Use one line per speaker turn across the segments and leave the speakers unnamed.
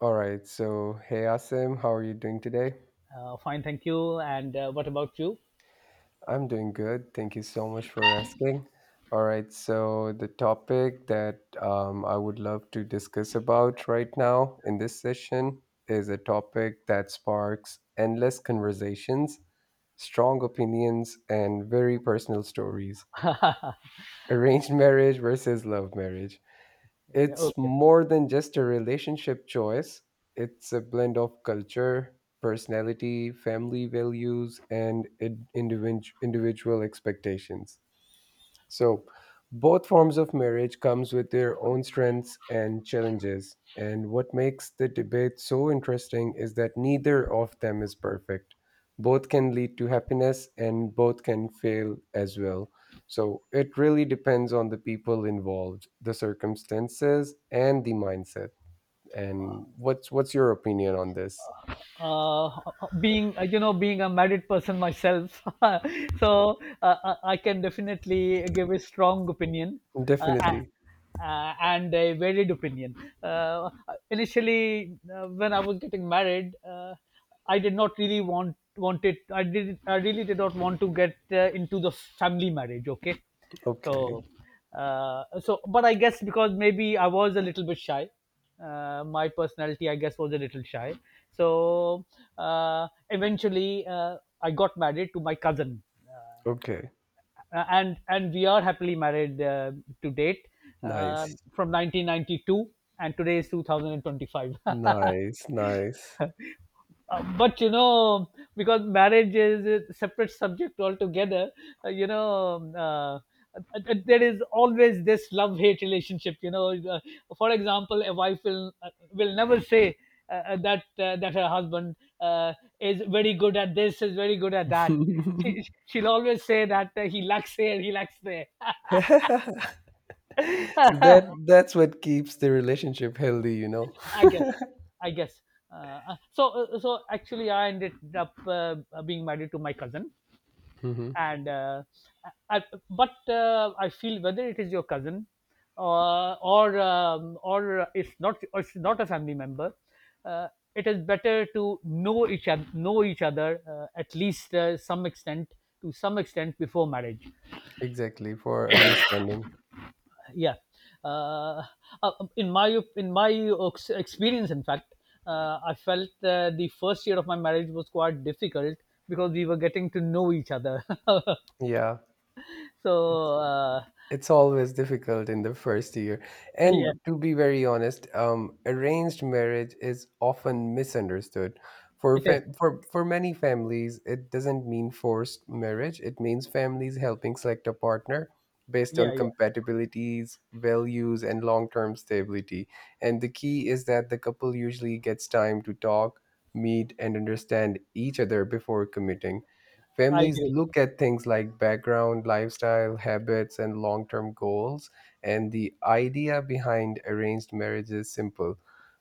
All right. So, hey, Asim, how are you doing today?
Fine, thank you. And what about you?
I'm doing good. Thank you so much for asking. All right. So, the topic that I would love to discuss about right now in this session is a topic that sparks endless conversations, strong opinions, and very personal stories,
Yeah,
arranged marriage versus love marriage. It's
okay.
more than just a relationship choice, it's a blend of culture, personality, family values, and individual expectations. So, both forms of marriage comes with their own strengths and challenges. And what makes the debate so interesting is that neither of them is perfect. Both can lead to happiness and both can fail as well. So it really depends on the people involved, the circumstances, and the mindset. And what's your opinion on this?
Uh, being you know being a married person myself, So I can definitely give a strong opinion. Uh, a-
Definitely.
and a varied opinion. Uh, initially, when I was getting married, I did not really want it. I did. I really did not want to get into the family marriage. Okay,
Okay.
so but I guess because maybe I was a little bit shy. My personality, I guess, was a little shy. So uh, eventually, I got married to my cousin. Uh,
Okay.
and we are happily married, to date, uh,
Nice.
from 1992, and today is 2025.
Nice. Nice.
But because marriage is a separate subject altogether. Uh, you know uh, uh, there is always this love hate relationship, for example, a wife will never say that her husband uh, is very good at this, is very good at that.
So
She'll always say that he lacks here, he lacks there.
that that's what keeps the relationship healthy, you know.
I guess, I guess. Actually, I ended up being married to my cousin,
Hmm.
and I, I feel whether it is your cousin, or it's not a family member. uh, it is better to know each other at least some extent to some extent before marriage.
Exactly, for understanding.
Yeah. Uh, uh, in my in my ox- experience, in fact, I felt the first year of my marriage was quite difficult because we were getting to know each other.
Yeah.
so uh,
It's always difficult in the first year.
yeah
And to be very honest, arranged marriage is often misunderstood.
it is.
For many families, it doesn't mean forced marriage. It means families helping select a partner based on
Yeah, yeah,
compatibilities, values, and long term stability. And the key is that the couple usually gets time to talk, meet, and understand each other before committing.
I
Families
agree.
look at things like background, lifestyle, habits, and long term goals. And the idea behind arranged marriage is simple.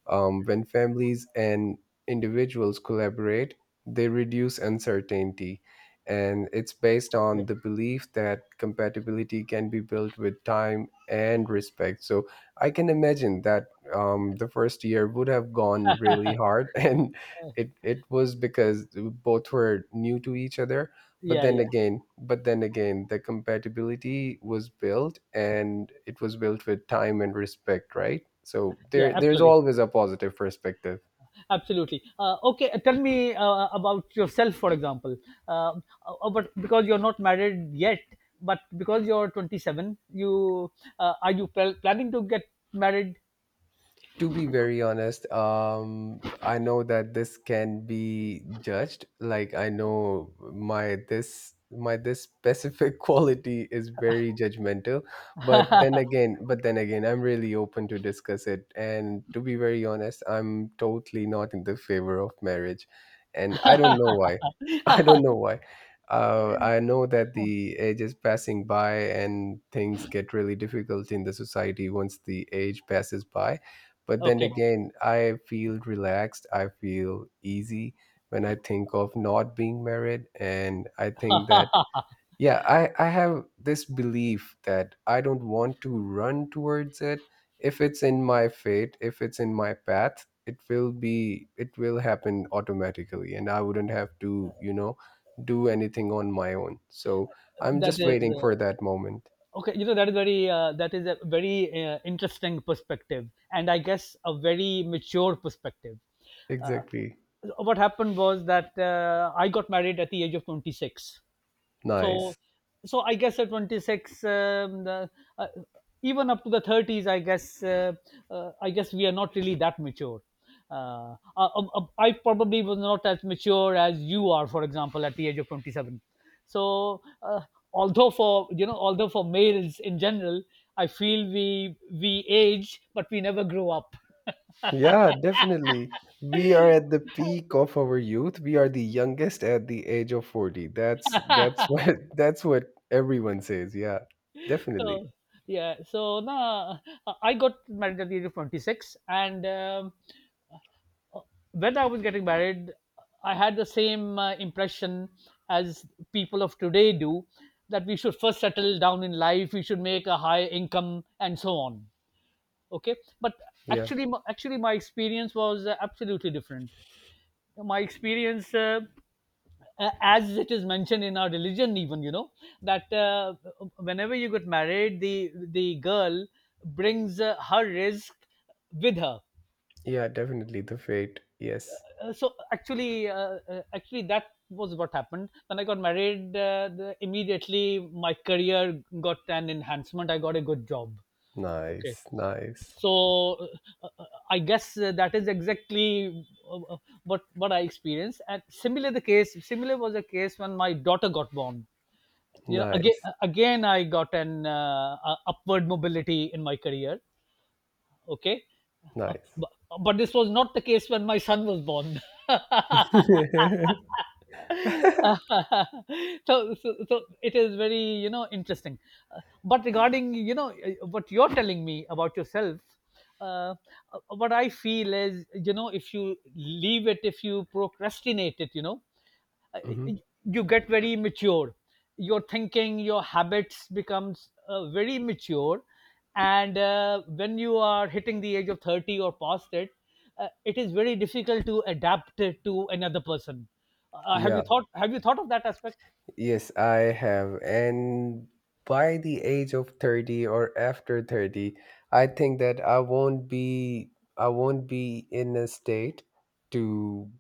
When families and individuals collaborate, they reduce uncertainty. And it's based
Okay.
on the belief that compatibility can be built with time and respect. So I can imagine that the first year would have gone really hard and it was because both were new to each other but
Yeah, yeah,
then again the compatibility was built and it was built with time and respect, right? So
yeah.
there's
Absolutely,
always a positive perspective.
absolutely. Okay. Tell me about yourself, for example. Uh, uh, but because you're not married yet, but because you're 27, you, are you planning to get married?
To be very honest, I know that this can be judged. Like, I know my this specific quality is very judgmental, but then again I'm really open to discuss it. And to be very honest, I'm totally not in the favor of marriage, and I don't know why. I don't know why. I know that the age is passing by and things get really difficult in the society once the age passes by, but then
Okay,
again, I feel relaxed. I feel easy when I think of not being married. And I think that, yeah, I have this belief that I don't want to run towards it. If it's in my fate, if it's in my path, it will happen automatically. And I wouldn't have to, you know, do anything on my own. So I'm
that
just
is
waiting for that moment.
okay you know that is very that is a very interesting perspective, and I guess a very mature perspective. uh,
Exactly.
what happened was that I got married at the age of 26.
Nice.
So so i guess at 26, uh, even up to the 30s, I guess we are not really that mature. I probably was not as mature as you are, for example, at the age of 27. So uh, although for you know although for males in general, I feel we age but we never grow up.
Yeah, definitely. We are at the peak of our youth. We are the youngest at the age of 40. That's what that's what everyone says. Yeah. Definitely.
So yeah, so now I got married at the age of 26, and uh, when I was getting married, I had the same impression as people of today do, that we should first settle down in life, we should make a high income, and so on. Okay, but
Yeah.
actually, my experience was absolutely different. My experience. As it is mentioned in our religion even, that whenever you get married, the girl brings her risk with her.
Yeah, definitely the fate. Yes.
So actually that was what happened when I got married. Immediately, my career got an enhancement. I got a good job. Okay.
Nice. Nice.
so uh, I guess that is exactly uh, uh, what I experienced. And similar was the case when my daughter got born. You know,
Nice.
again I got an upward mobility in my career. Okay. uh,
Nice.
but, but this was not the case when my son was born. So it is very, interesting. But regarding, what you're telling me about yourself, uh, what I feel is, if you leave it, if you procrastinate it, uh,
Mhm.
you get very mature. Your thinking, your habits becomes very mature. And when you are hitting the age of 30 or past it, it is very difficult to adapt it to another person. Have
Yeah.
you thought have you thought of that aspect?
Yes, I have. And by the age of 30 or after 30, I think that I won't be in a state to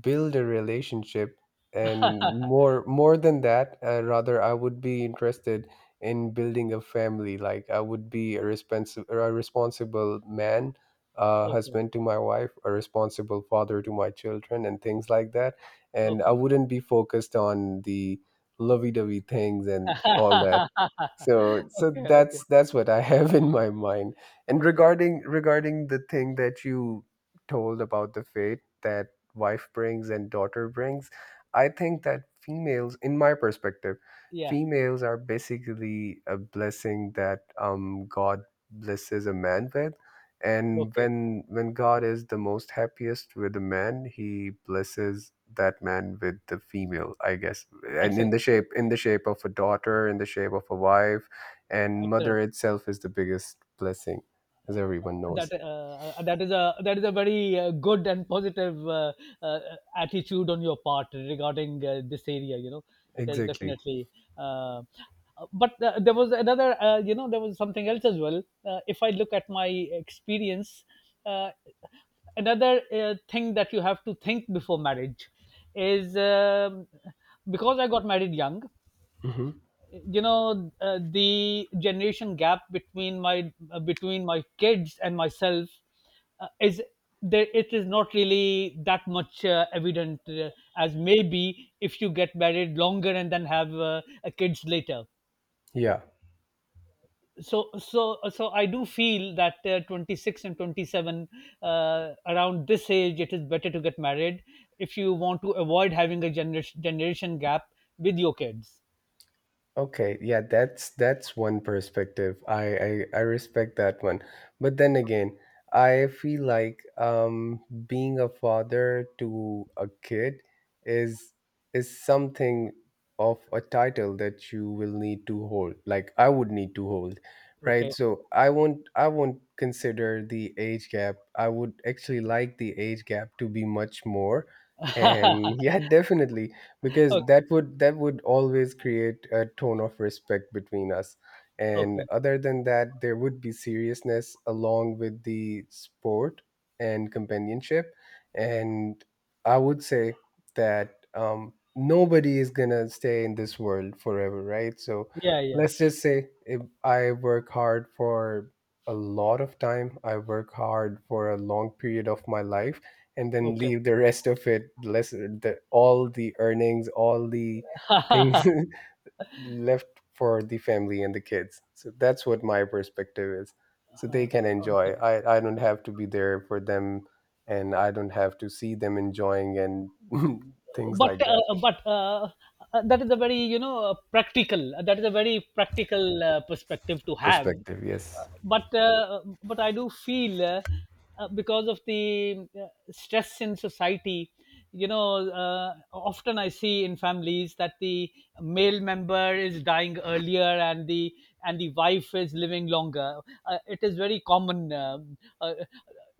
build a relationship, and more than that, rather I would be interested in building a family. Like, I would be a responsible man, a
Okay,
husband to my wife, a responsible father to my children and things like that. And I
okay.
wouldn't be focused on the lovey-dovey things and all that.
Okay, okay,
That's what I have in my mind. And
okay.
regarding the thing that you told about the fate that wife brings and daughter brings, I think that females, in my perspective,
Yeah,
females are basically a blessing that god blesses a man with. And
okay.
when god is the most happiest with a man, he blesses that man with the female, I guess, and
Excellent,
in the shape of a daughter, in the shape of a wife. And mother
excellent.
itself is the biggest blessing, as everyone
that
knows.
uh, uh, that is a that is a very good and positive uh, attitude on your part regarding this area, you know. It is,
Exactly.
definitely. Uh, uh, but there was another, there was something else as well. If I look at my experience, uh, another thing that you have to think before marriage is, because I got married young,
Hmm.
you know, the generation gap between my kids and myself, is there. It is not really that much evident, as maybe if you get married longer and then have kids later.
Yeah.
So so so I do feel that 26 and 27, around this age, it is better to get married if you want to avoid having a generation gap with your kids.
Okay, yeah, that's one perspective. I respect that one. But then again, I feel like being a father to a kid is is something of a title that you will need to hold. Like, I would need to hold, right?
Okay,
So I won't consider the age gap. I would actually like the age gap to be much more. And yeah, definitely, because
okay,
that would always create a tone of respect between us, and
okay.
other than that there would be seriousness along with the sport and companionship. And I would say that, nobody is gonna stay in this world forever, right? So
Yeah, yeah.
let's just say if I work hard for a lot of time I work hard for a long period of my life, and then
Okay.
leave the rest of it, less the, all the earnings, all the things left for the family and the kids. So that's what my perspective is, so they can enjoy.
Okay.
I don't have to be there for them, and I don't have to see them enjoying and things
but
like
uh,
that.
uh, but uh, uh, that is a very you know practical that is a very practical perspective to have.
Perspective,
Uh,
yes.
but uh, uh, but I do feel because of the uh, stress in society, you know, uh, often I see in families that the male member is dying earlier, and the wife is living longer. It is very common. Uh,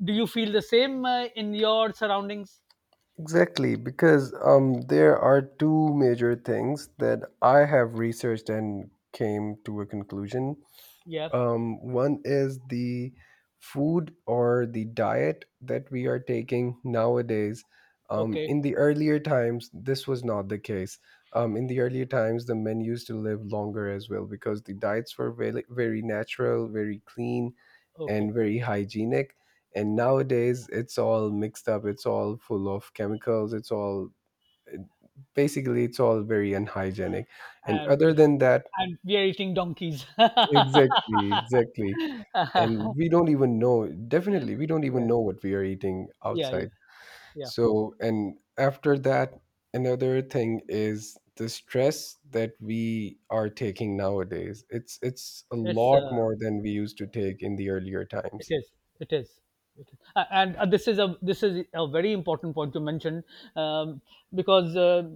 do you feel the same in your surroundings?
Exactly, because there are two major things that I have researched and came to a conclusion.
Yeah.
One is the food or the diet that we are taking nowadays.
Okay.
In the earlier times, this was not the case. In the earlier times, the men used to live longer as well because the diets were very, very natural, very clean,
Okay.
and very hygienic. And nowadays, it's all mixed up. It's all full of chemicals. It's all basically, it's all very unhygienic. And
And
other than that,
and we are eating donkeys.
exactly, exactly, and we don't even know. Definitely, we don't even
Yeah.
know what we are eating
Yeah, yeah,
outside.
yeah.
So, and after that, another thing is the stress that we are taking nowadays. It's a
It's,
lot more than we used to take in the earlier
it
times.
is. It is. It is. And this is a very important point to mention, um, because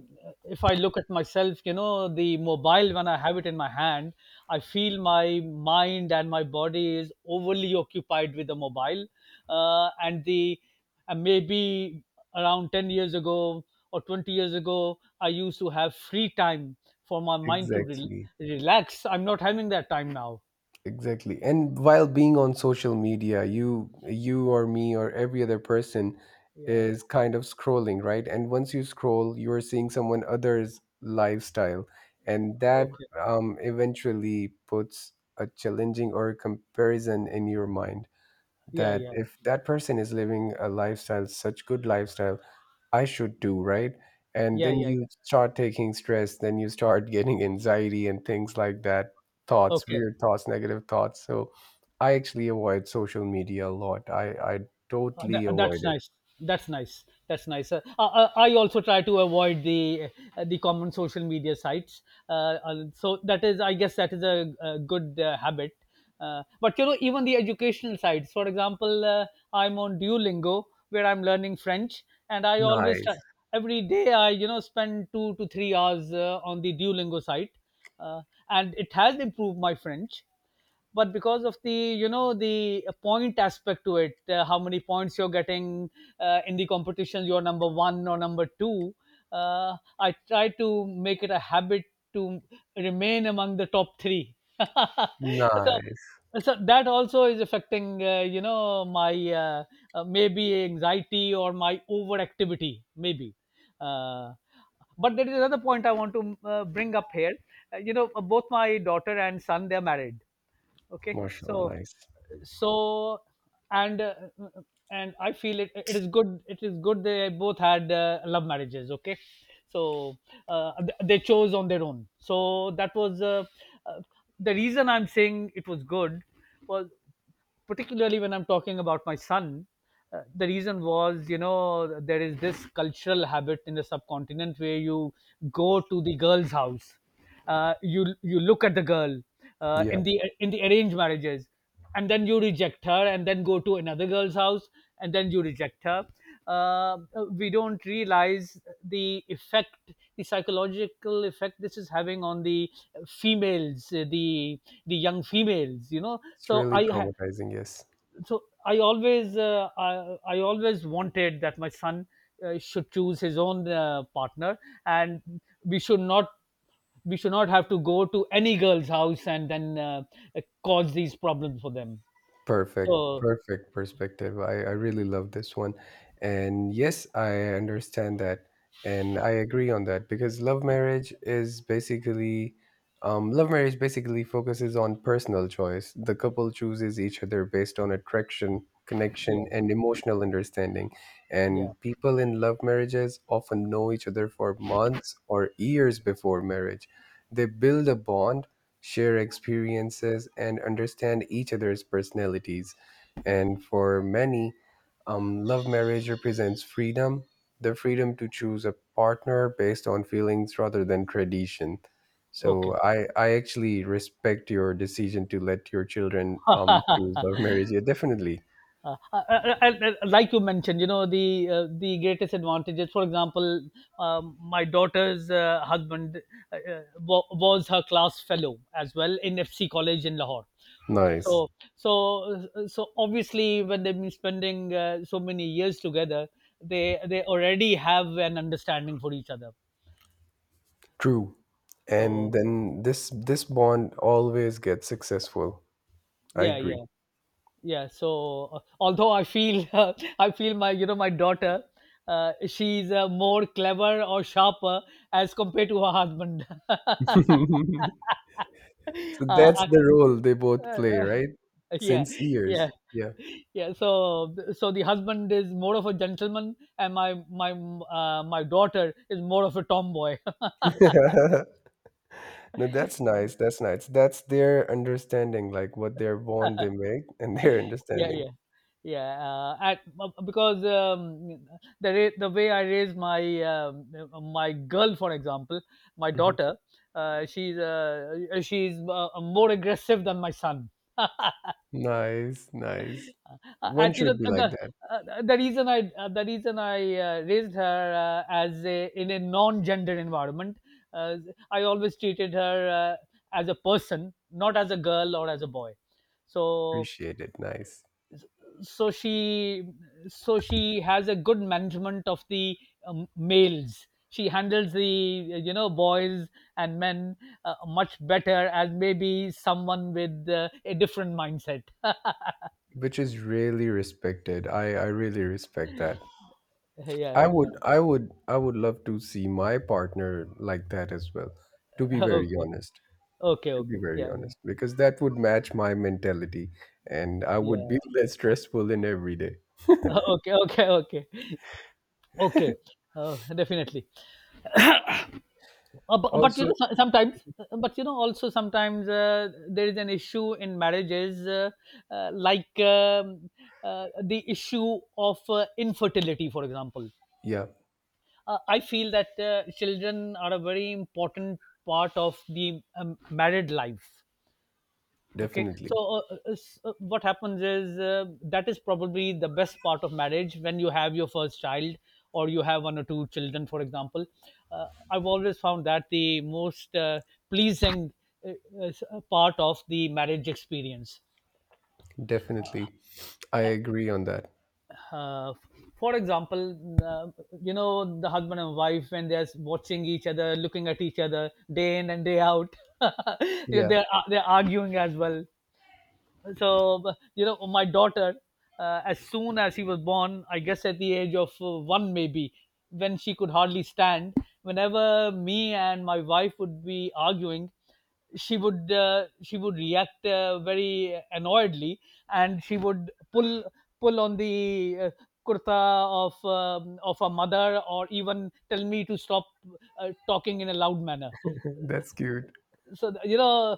if I look at myself, you know, the mobile when I have it in my hand, I feel my mind and my body is overly occupied with the mobile, uh, and the and maybe around 10 years ago or 20 years ago, I used to have free time for my mind to
Exactly.
relax. I'm not having that time now.
Exactly. And while being on social media, you or me or every other person
Yeah.
is kind of scrolling, right? And once you scroll, you are seeing someone other's lifestyle, and that
Okay.
eventually puts a challenging or a comparison in your mind,
Yeah,
that
yeah.
if that person is living a lifestyle, such good lifestyle, I should do, right? And
Yeah,
then
yeah.
you start taking stress, then you start getting anxiety and things like that, thoughts,
Okay,
weird thoughts, negative thoughts. So I actually avoid social media a lot. I totally avoid
that's
it.
nice. That's nice. That's nice. I also try to avoid the common social media sites. So that is, I guess, that is a good habit. But you know, even the educational sites. For example, I'm on Duolingo, where I'm learning French, and I always
Nice.
try, every day I spend 2 to 3 hours on the Duolingo site, uh, and it has improved my French. But because of the you know the point aspect to it, how many points you're getting, in the competition you're number 1 or number 2, I try to make it a habit to remain among the top 3. so
Nice.
so that also is affecting, you know, my uh, maybe anxiety, or my overactivity maybe. uh, but there is another point I want to bring up here. You know, both my daughter and son, they're married. Okay.
Mashallah,
so
nice.
so and uh, and I feel it is good they both had love marriages. Okay. So they chose on their own. So that was uh, the reason I'm saying it was good, was particularly when I'm talking about my son. The reason was, you know, there is this cultural habit in the subcontinent where you go to the girl's house, you look at the girl
Yeah,
in the arranged marriages, and then you reject her, and then go to another girl's house, and then you reject her. Uh, we don't realize the effect, the psychological effect this is having on the females, the young females. You know,
it's really traumatizing, yes.
so I always I always wanted that my son should choose his own partner, and we should not we should not have to go to any girl's house, and then cause these problems for them.
Perfect,
So
perfect perspective. I really love this one. And yes, I understand that. And I agree on that, because love marriage is basically, love marriage basically focuses on personal choice. The couple chooses each other based on attraction,
yeah,
connection, and emotional understanding.
yeah.
And people in love marriages often know each other for months or years before marriage. They build a bond, share experiences, and understand each other's personalities. And for many, love marriage represents freedom, the freedom to choose a partner based on feelings rather than tradition. So
Okay.
I actually respect your decision to let your children choose love marriage. Yeah, definitely.
Like you mentioned, you know, the greatest advantages. For example, my daughter's husband was her class fellow as well in FC College in Lahore. Okay,
Nice.
so so obviously, when they've been spending so many years together, they already have an understanding for each other.
True.
So
And then this bond always gets successful. I
yeah,
agree.
yeah, yeah so although I feel I feel my you know my daughter, she's more clever or sharper as compared to her husband. I-
So
uh,
that's the role they both play,
uh,
right?
yeah,
Since years.
yeah,
Yeah.
yeah, so the husband is more of a gentleman and my daughter is more of a tomboy.
No, that's nice. That's nice. That's their understanding, like what their bond they make and their
Yeah,
understanding.
yeah, yeah, at because the way I raise my, um, my girl, for example, my
Mhm.
daughter, she's more aggressive than my son. uh,
Nice, nice. One
and you know,
should be
the
like that.
the reason I raised her as a, in a non gender environment, uh, I always treated her, uh, as a person, not as a girl or as a boy. So
Appreciate it. Nice.
she, so she has a good management of the, males. She handles the, you know, boys and men much better as maybe someone with a different mindset.
Which is really respected. I really respect that.
Yeah, yeah,
I would love to see my partner like that as well, to be very
okay,
honest.
okay,
To be
okay,
very
yeah, yeah,
honest, because that would match my mentality and I would
yeah,
be less stressful in every day.
okay, okay, okay, okay, definitely. But you know,
Also,
so- sometimes but you know also sometimes there is an issue in marriages, uh, like um, the issue of infertility, for example.
yeah,
I feel that children are a very important part of the, married life. okay
definitely.
so uh, what happens is, that is probably the best part of marriage, when you have your first child, or you have one or two children, for example. I've always found that the most pleasing uh, part of the marriage experience.
Definitely. I
uh,
agree on that.
uh, for example, you know, the husband and wife, when they're watching each other, looking at each other day in and day out,
Yeah,
they're arguing as well. You know, my daughter, as soon as he was born, I guess at the age of one maybe, when she could hardly stand, whenever me and my wife would be arguing, she would, she would react very annoyedly, and she would pull on the, kurta of, of a mother, or even tell me to stop talking in a loud manner.
that's cute.
So you know,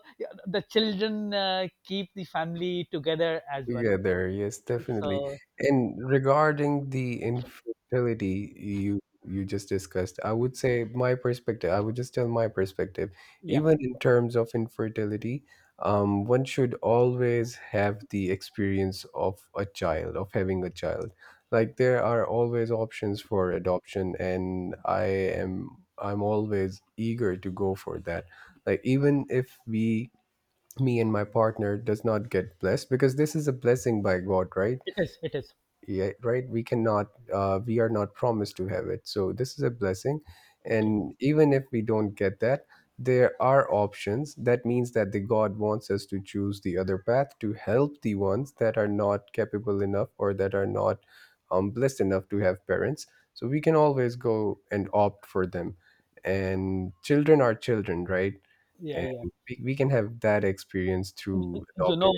the children keep the family together as
We
well.
there, yes, definitely.
So
And regarding the infertility you just discussed, I would say my perspective, I would just tell my perspective.
yeah,
Even in terms of infertility, one should always have the experience of a child, of having a child. Like, there are always options for adoption, and I am I'm always eager to go for that. Like, even if we, me and my partner does not get blessed, because this is a blessing by god, right?
it is, it is,
Yeah, right, we cannot, we are not promised to have it, so this is a blessing.
okay,
And even if we don't get that, there are options, that means that the god wants us to choose the other path to help the ones that are not capable enough or that are not blessed enough to have parents. So we can always go and opt for them, and children are children, right?
yeah,
And
yeah.
we can have that experience through
you
adopting.
know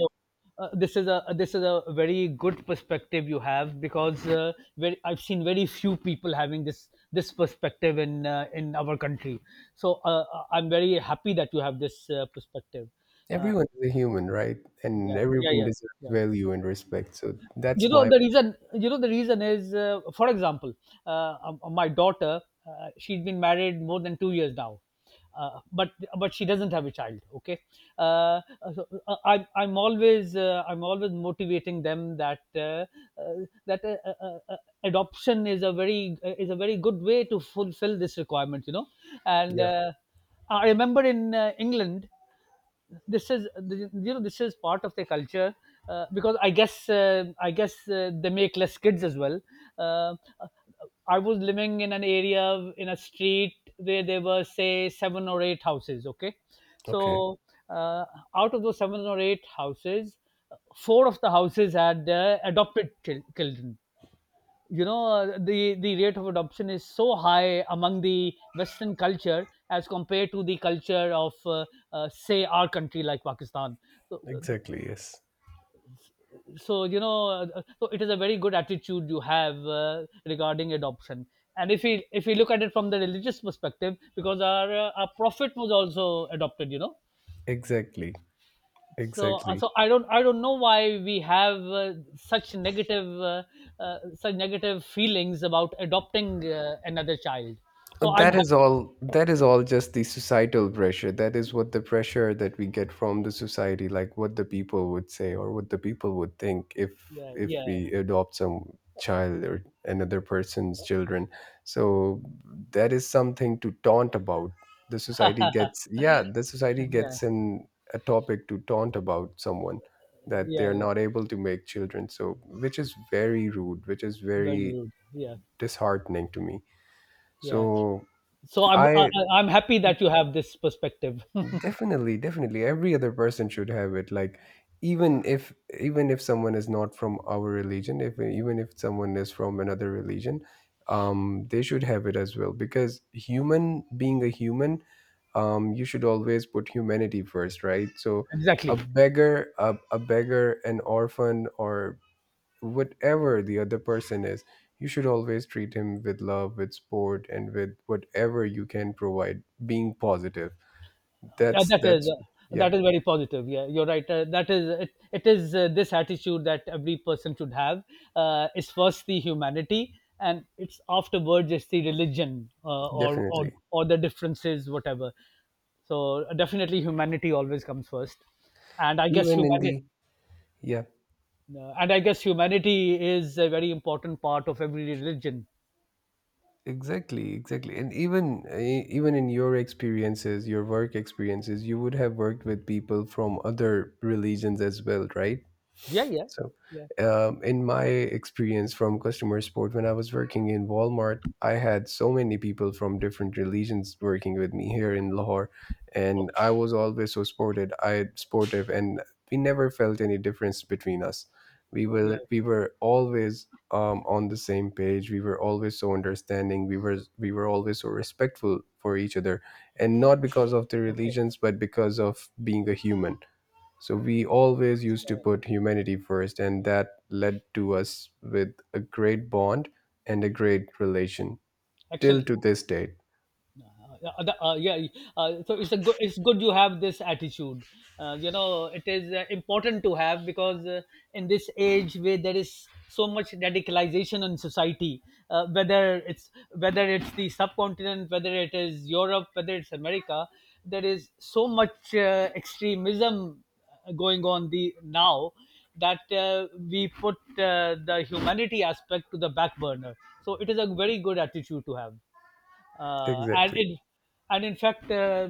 this is a very good perspective you have, because very, I've seen very few people having this perspective in our country. So I'm very happy that you have this perspective. Uh,
Everyone is a human, right? And
yeah, yeah,
everyone
yeah,
deserves
yeah.
value and respect. So
you
that's
know
my,
the reason you know the reason is, for example, uh, my daughter, she has been married more than 2 years now. uh, but but she doesn't have a child, okay. Uh, so, uh, i'm i'm always uh, I'm always motivating them that, uh, that uh, uh, uh, uh, adoption is a very, is a very good way to fulfill this requirement, you know. and
yeah.
uh, I remember in, England, this is, you know, this is part of their culture, because I guess they make less kids as well. uh, I was living in an area, in a street where there were say seven or eight houses, okay. so
Okay.
uh, out of those seven or eight houses, four of the houses had adopted children, you know. The rate of adoption is so high among the western culture as compared to the culture of, say, our country, like Pakistan. So,
Exactly. Yes.
so you know, so it is a very good attitude you have, regarding adoption. And if we look at it from the religious perspective, because our, our prophet was also adopted, you know.
Exactly.
So uh,
Exactly.
so i don't i don't know why we have, such negative feelings about adopting another child. So I'm
that
happy.
is all that is all just the societal pressure. That is what the pressure that we get from the society, like what the people would say or what the people would think if
Yeah,
if
yeah,
we adopt some child or another person's children. So that is something to taunt about. The society gets, yeah, the society
yeah,
gets in a topic to taunt about someone, that they
yeah,
are
yeah.
not able to make children. So which is very rude, which is
Very
very
rude, yeah,
disheartening to me.
yeah.
So
So
I
I'm happy that you have this perspective.
definitely, definitely. Every other person should have it. Like, even if even if someone is not from our religion, if even if someone is from another religion, they should have it as well. Because human, being a human, you should always put humanity first, right? So,
Exactly,
a beggar, a beggar, an orphan, or whatever the other person is, you should always treat him with love, with sport, and with whatever you can provide, being positive.
yeah,
that's
that is,
that's yeah,
that is very positive, yeah, you're right. That is, it is, this attitude that every person should have, is first the humanity, and it's afterwards it's the religion, or
definitely.
or the differences, whatever. So definitely humanity always comes first. and i guess
Even in
humanity
the, yeah,
and I guess humanity is a very important part of every religion.
exactly, exactly. And even even in your experiences, your work experiences, you would have worked with people from other religions as well, right?
Yeah, yeah,
So,
yeah,
in my experience from customer support, when I was working in Walmart, I had so many people from different religions working with me here in Lahore, and
okay,
I was always so supported. I supportive, and we never felt any difference between us. We
yeah,
were we were always on the same page. We were always so understanding. We were always so respectful for each other, and not because of the
okay,
religions, but because of being a human. So we always used to
uh,
put humanity first, and that led to us with a great bond and a great relation till
excellent.
to this date.
Yeah, yeah. So it's a good, it's good you have this attitude. You know, it is important to have, because in this age where there is so much radicalization in society, whether it's the subcontinent, whether it is Europe, whether it's America, there is so much extremism going on the now, that we put the humanity aspect to the back burner. So it is a very good attitude to have. uh, and
Exactly.
it and in fact, uh,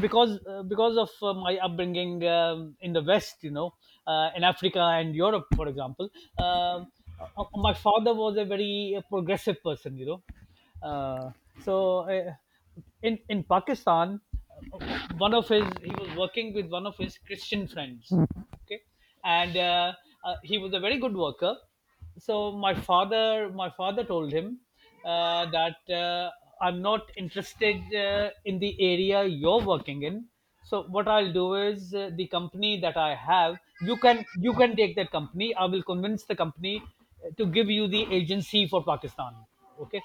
because uh, because of my upbringing, in the west, you know, in Africa and Europe, for example, um, my father was a very progressive person, you know. uh, so uh, in Pakistan, one of his he was working with one of his Christian friends, okay. And he was a very good worker. So my father told him, that I'm not interested, in the area you're working in. So what I'll do is, the company that I have, you can take that company. I will convince the company to give you the agency for Pakistan, okay.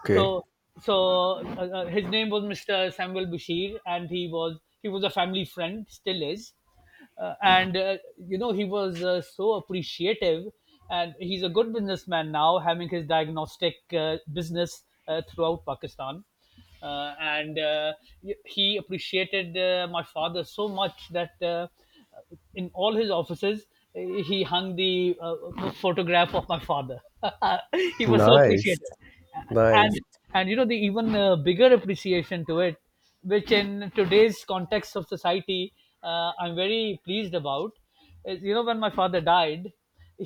Okay.
So, so his name was Mr. Samuel Bashir, and he was a family friend, still is. And you know, he was so appreciative, and he's a good businessman now, having his diagnostic business throughout Pakistan. And He appreciated my father so much that, in all his offices, he hung the, photograph of my father. He was so
Nice.
appreciative.
Nice.
And you know, the even bigger appreciation to it, which in today's context of society, I'm very pleased about, is, you know, when my father died,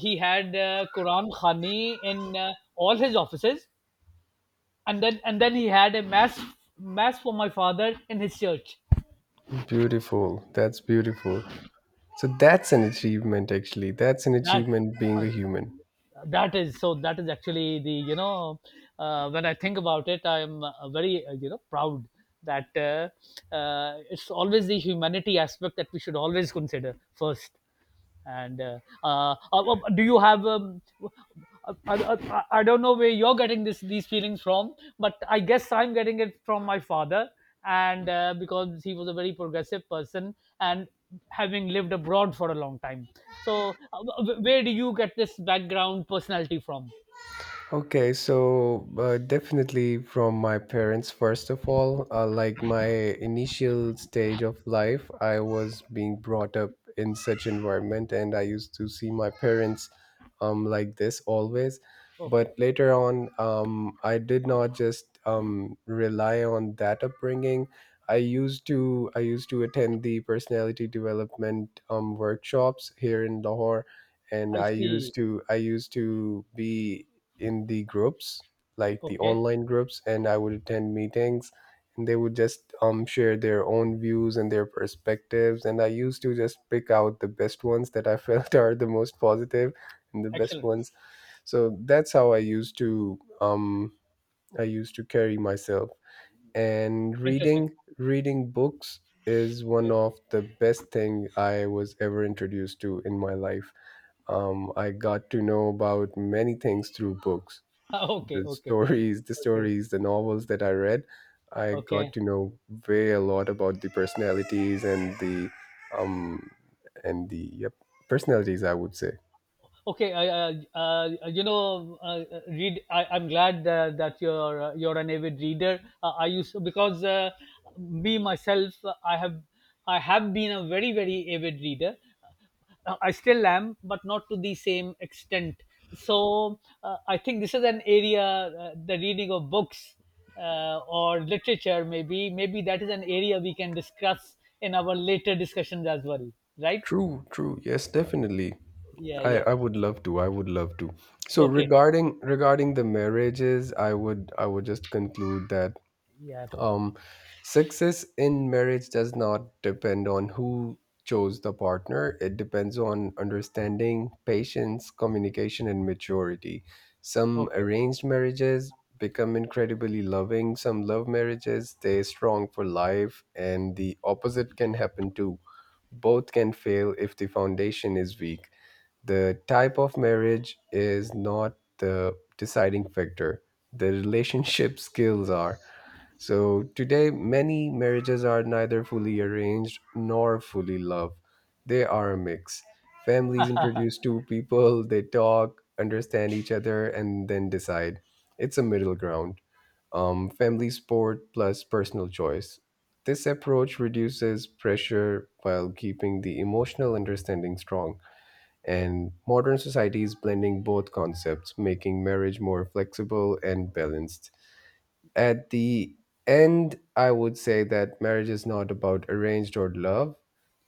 he had quran khani in all his offices. And then he had a mass for my father in his church.
Beautiful. That's beautiful. So that's an achievement, actually. That's an
That,
achievement being
uh,
a human.
that is, so that is actually the, you know, when I think about it, I'm very, you know, proud, that, it's always the humanity aspect that we should always consider first. And well, do you have, don't know where you're getting this these feelings from, but I guess I'm getting it from my father, and because he was a very progressive person, and, having lived abroad for a long time. So where do you get this background personality from?
Okay, so definitely from my parents, first of all, like my initial stage of life, I was being brought up in such environment, and I used to see my parents like this always.
Okay,
But later on, I did not just rely on that upbringing. I used to attend the personality development workshops here in Lahore, and
I
I
see,
used to I used to be in the groups, like the
okay,
online groups, and I would attend meetings, and they would just share their own views and their perspectives, and I used to just pick out the best ones that I felt are the most positive and the best
excellent,
ones. So that's how I used to carry myself. And
interesting,
reading books is one
okay,
of the best thing I was ever introduced to in my life. I got to know about many things through books,
okay,
the
okay,
stories, the
okay,
stories, the novels that I read. I got
okay.
to know way a lot about the personalities um and the yep, personalities, I would say.
Okay, you know, read. I'm glad that you're, you're an avid reader. I used, because me myself, I have, I have been a very very avid reader. I still am, but not to the same extent. So I think this is an area, the reading of books or literature, maybe that is an area we can discuss in our later discussions as well, right?
True, true. Yes, definitely.
Yeah,
I,
yeah.
I would love to. I would love to. So
Okay.
regarding the marriages, I would just conclude that
Yeah.
Um, success in marriage does not depend on who chose the partner, it depends on understanding, patience, communication, and maturity. Some
Okay.
arranged marriages become incredibly loving, some love marriages stay strong for life, and the opposite can happen too. Both can fail if the foundation is weak. The type of marriage is not the deciding factor, the relationship skills are. So today, many marriages are neither fully arranged nor fully love. They are a mix. Families introduce two people, they talk, understand each other, and then decide. It's a middle ground. Family sport plus personal choice. This approach reduces pressure while keeping the emotional understanding strong. And modern society is blending both concepts, making marriage more flexible and balanced. At the end, I would say that marriage is not about arranged or love,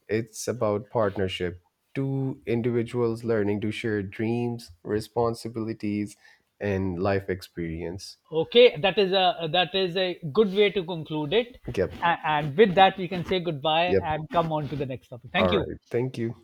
it's about partnership. Two individuals learning to share dreams, responsibilities, and life experience.
Okay, that is a, that is a good way to conclude it.
Yep.
And with that, we can say goodbye
Yep.
and come on to the next topic.
All
Thank you.
right. Thank you.